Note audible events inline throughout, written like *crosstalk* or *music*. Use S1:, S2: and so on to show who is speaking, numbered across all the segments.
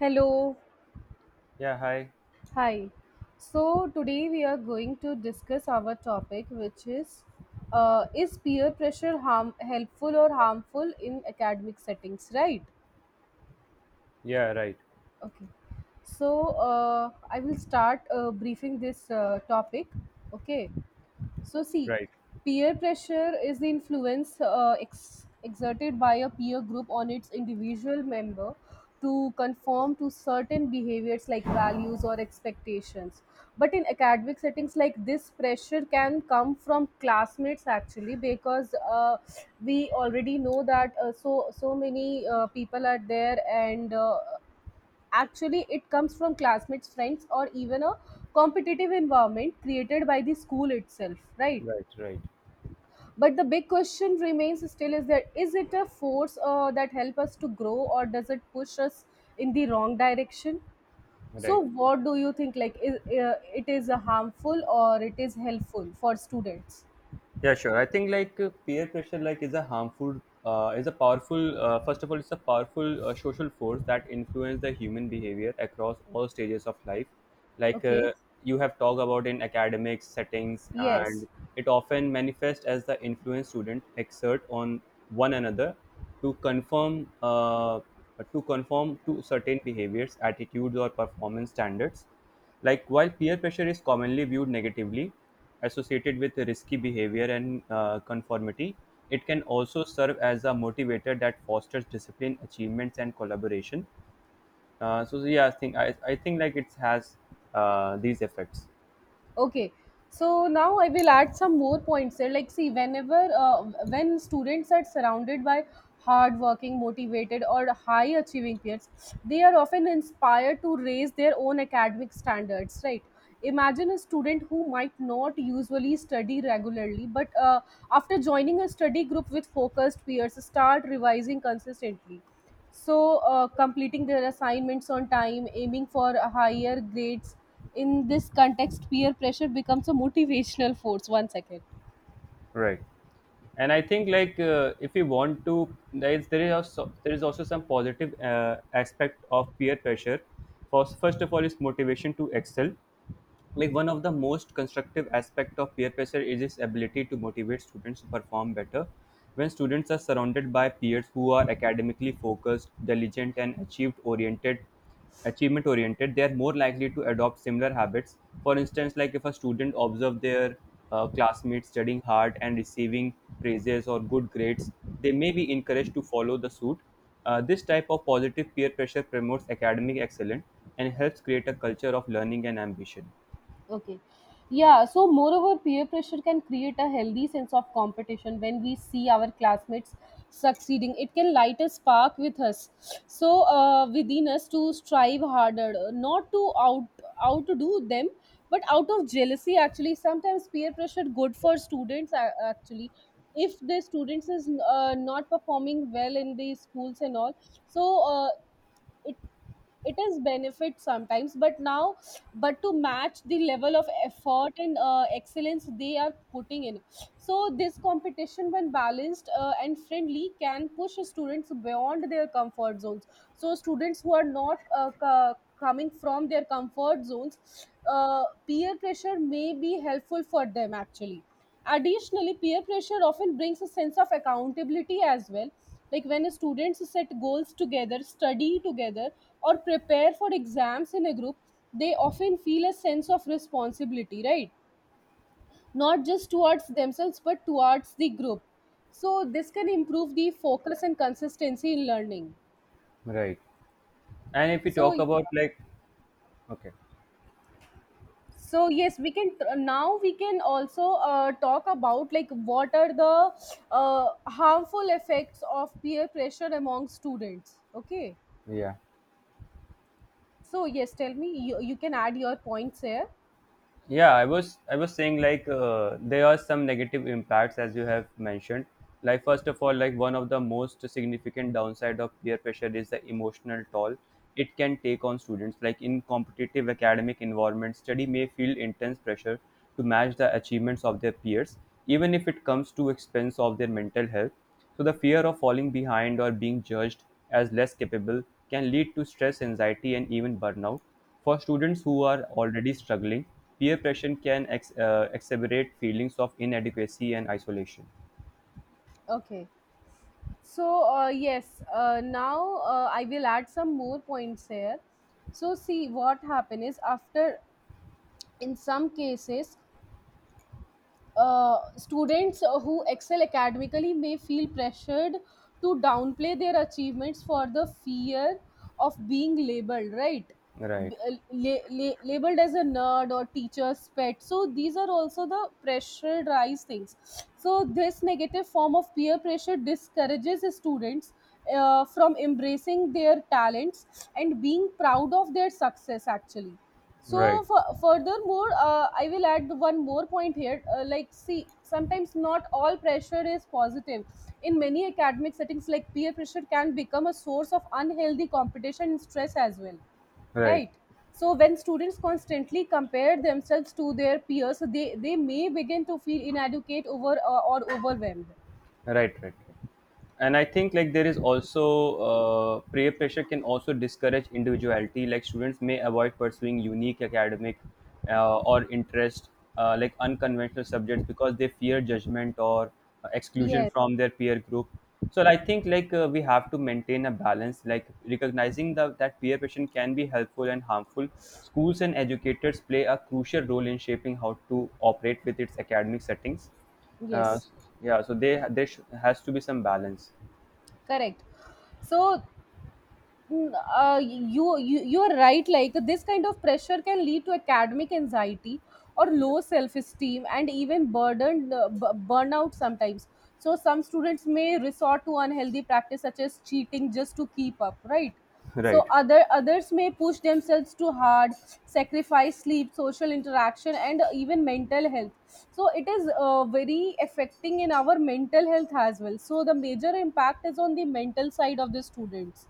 S1: Hello,
S2: Yeah, hi.
S1: hi. So today we are going to discuss our topic, which is peer pressure harm helpful or harmful in academic settings, right?
S2: Yeah, right,
S1: Okay. So I will start briefing this topic. Okay. So, see,
S2: right,
S1: peer pressure is the influence exerted by a peer group on its individual member to conform to certain behaviors like values or expectations. But in academic settings, like, this pressure can come from classmates actually, because we already know that many people are there and actually it comes from classmates, friends, or even a competitive environment created by the school itself, right?
S2: right, right,
S1: But the big question remains still is that, is it a force that help us to grow, or does it push us in the wrong direction? So
S2: right.
S1: what do you think, like, it is a harmful or it is helpful for students?
S2: Yeah, sure. I think like peer pressure, like, is a harmful, is a powerful. First of all, it's a powerful social force that influence the human behavior across all stages of life. Like
S1: Okay,
S2: you have talked about in academic settings,
S1: yes.
S2: and it often manifests as the influence student exert on one another to conform, to conform to certain behaviors, attitudes, or performance standards. Like while peer pressure is commonly viewed negatively, associated with risky behavior and conformity, it can also serve as a motivator that fosters discipline, achievements, and collaboration. Yeah, I think like it has these effects,
S1: Okay, so now I will add some more points there. Like, see, whenever when students are surrounded by hardworking, motivated, or high achieving peers, they are often inspired to raise their own academic standards, right? Imagine a student who might not usually study regularly, but after joining a study group with focused peers, start revising consistently, so completing their assignments on time, aiming for higher grades. In this context, peer pressure becomes a motivational force. One second.
S2: right? And I think like if we want to, there is also some positive aspect of peer pressure. First of all, is motivation to excel. Like one of the most constructive aspect of peer pressure is its ability to motivate students to perform better. When students are surrounded by peers who are academically focused, diligent, and achieved oriented achievement oriented, they are more likely to adopt similar habits. For instance, like if a student observe their classmates studying hard and receiving praises or good grades, they may be encouraged to follow the suit. This type of positive peer pressure promotes academic excellence and helps create a culture of learning and ambition.
S1: Okay. Yeah, so moreover, peer pressure can create a healthy sense of competition. When we see our classmates succeeding, it can light a spark with us, so within us, to strive harder, not to outdo them, but out of jealousy. Actually, sometimes peer pressure good for students. Actually, if the students is not performing well in the schools and all, so it it is benefit sometimes, but now, but to match the level of effort and excellence they are putting in. So this competition, when balanced and friendly, can push students beyond their comfort zones. So students who are not coming from their comfort zones, peer pressure may be helpful for them actually. Additionally, peer pressure often brings a sense of accountability as well. Like, when students set goals together, study together, or prepare for exams in a group, they often feel a sense of responsibility, right? Not just towards themselves, but towards the group. So, this can improve the focus and consistency in learning.
S2: Right. And if you
S1: So,
S2: talk about like, okay,
S1: so yes, we can, now we can also talk about like what are the harmful effects of peer pressure among students. Okay,
S2: yeah.
S1: so yes, tell me, you can add your points here.
S2: Yeah, I was saying like there are some negative impacts as you have mentioned. Like first of all, like one of the most significant downside of peer pressure is the emotional toll it can take on students. Like in competitive academic environment, study may feel intense pressure to match the achievements of their peers, even if it comes to expense of their mental health. So the fear of falling behind or being judged as less capable can lead to stress, anxiety, and even burnout. For students who are already struggling, peer pressure can exacerbate feelings of inadequacy and isolation.
S1: Okay, so yes now I will add some more points here. So see what happen is, after, in some cases, students who excel academically may feel pressured to downplay their achievements for the fear of being labeled, right?
S2: Right,
S1: Labeled as a nerd or teacher's pet. So these are also the pressurized things. So this negative form of peer pressure discourages students from embracing their talents and being proud of their success, actually. So
S2: right,
S1: furthermore, I will add one more point here. Like, see, sometimes not all pressure is positive. In many academic settings, like, peer pressure can become a source of unhealthy competition and stress as well,
S2: right,
S1: right? So when students constantly compare themselves to their peers, they may begin to feel inadequate over or overwhelmed.
S2: right, right. Right. And I think like there is also peer pressure can also discourage individuality. Like students may avoid pursuing unique academic or interest, like unconventional subjects, because they fear judgment or exclusion
S1: Yes,
S2: from their peer group. So I think like we have to maintain a balance, like recognizing that peer pressure can be helpful and harmful. Schools and educators play a crucial role in shaping how to operate with its academic settings. uh,
S1: yes,
S2: s- yeah, so they has to be some balance.
S1: correct. So, mm, you are right. Like, this kind of pressure can lead to academic anxiety or low self-esteem and even burnout sometimes. So some students may resort to unhealthy practice such as cheating just to keep up, right?
S2: *laughs*
S1: So
S2: Right,
S1: others may push themselves too hard, sacrifice sleep, social interaction, and even mental health. So it is very affecting in our mental health as well. So the major impact is on the mental side of the students,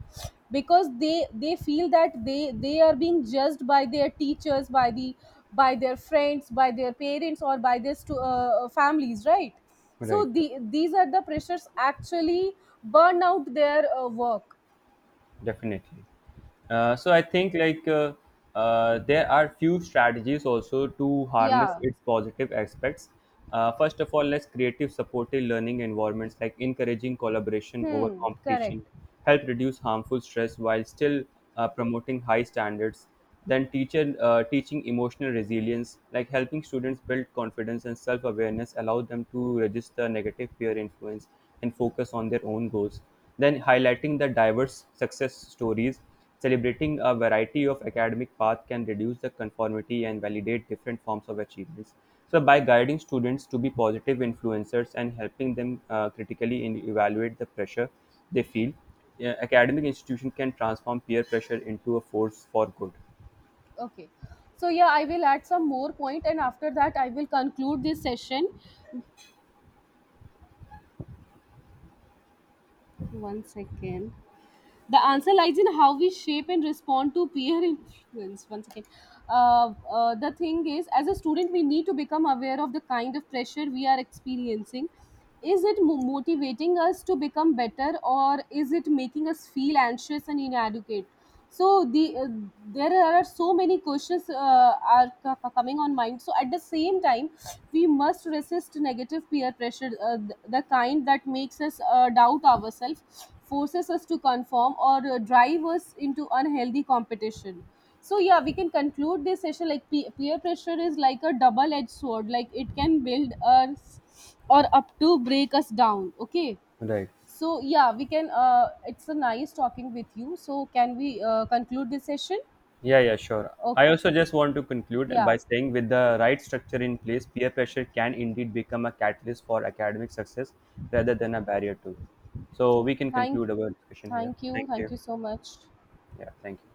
S1: because they feel that they are being judged by their teachers, by the, by their friends, by their parents, or by their families, right? So
S2: right, right.
S1: the, these are the pressures actually, burn out their work.
S2: Definitely. So I think like there are few strategies also to harness
S1: Yeah.
S2: its positive aspects. First of all, let's creative supportive learning environments, like encouraging collaboration over
S1: Hmm, correct.
S2: competition, help reduce harmful stress while still promoting high standards. Then teacher teaching emotional resilience, like helping students build confidence and self-awareness, allow them to register negative peer influence and focus on their own goals. Then highlighting the diverse success stories, celebrating a variety of academic paths, can reduce the conformity and validate different forms of achievements. So by guiding students to be positive influencers and helping them critically in evaluate the pressure they feel, yeah, academic institution can transform peer pressure into a force for good.
S1: Okay. So yeah, I will add some more point, and after that I will conclude this session. One second. The answer lies in how we shape and respond to peer influence. One second. The thing is, as a student, we need to become aware of the kind of pressure we are experiencing. Is it motivating us to become better, or is it making us feel anxious and inadequate? So the uh, there are so many questions are coming on mind. So at the same time, we must resist negative peer pressure, the kind that makes us doubt ourselves, forces us to conform, or drive us into unhealthy competition. So yeah, we can conclude this session. Like, peer pressure is like a double edged sword. Like, it can build us or up to break us down. Okay,
S2: Right.
S1: so yeah, we can. It's a nice talking with you. So can we conclude this session?
S2: Yeah, yeah, sure. I
S1: Okay.
S2: also just want to conclude by
S1: Yeah.
S2: saying with the right structure in place, peer pressure can indeed become a catalyst for academic success rather than a barrier to it. So we can
S1: Thank.
S2: conclude our discussion here.
S1: Thank you.
S2: Thank you.
S1: Thank you so much.
S2: Yeah, thank you.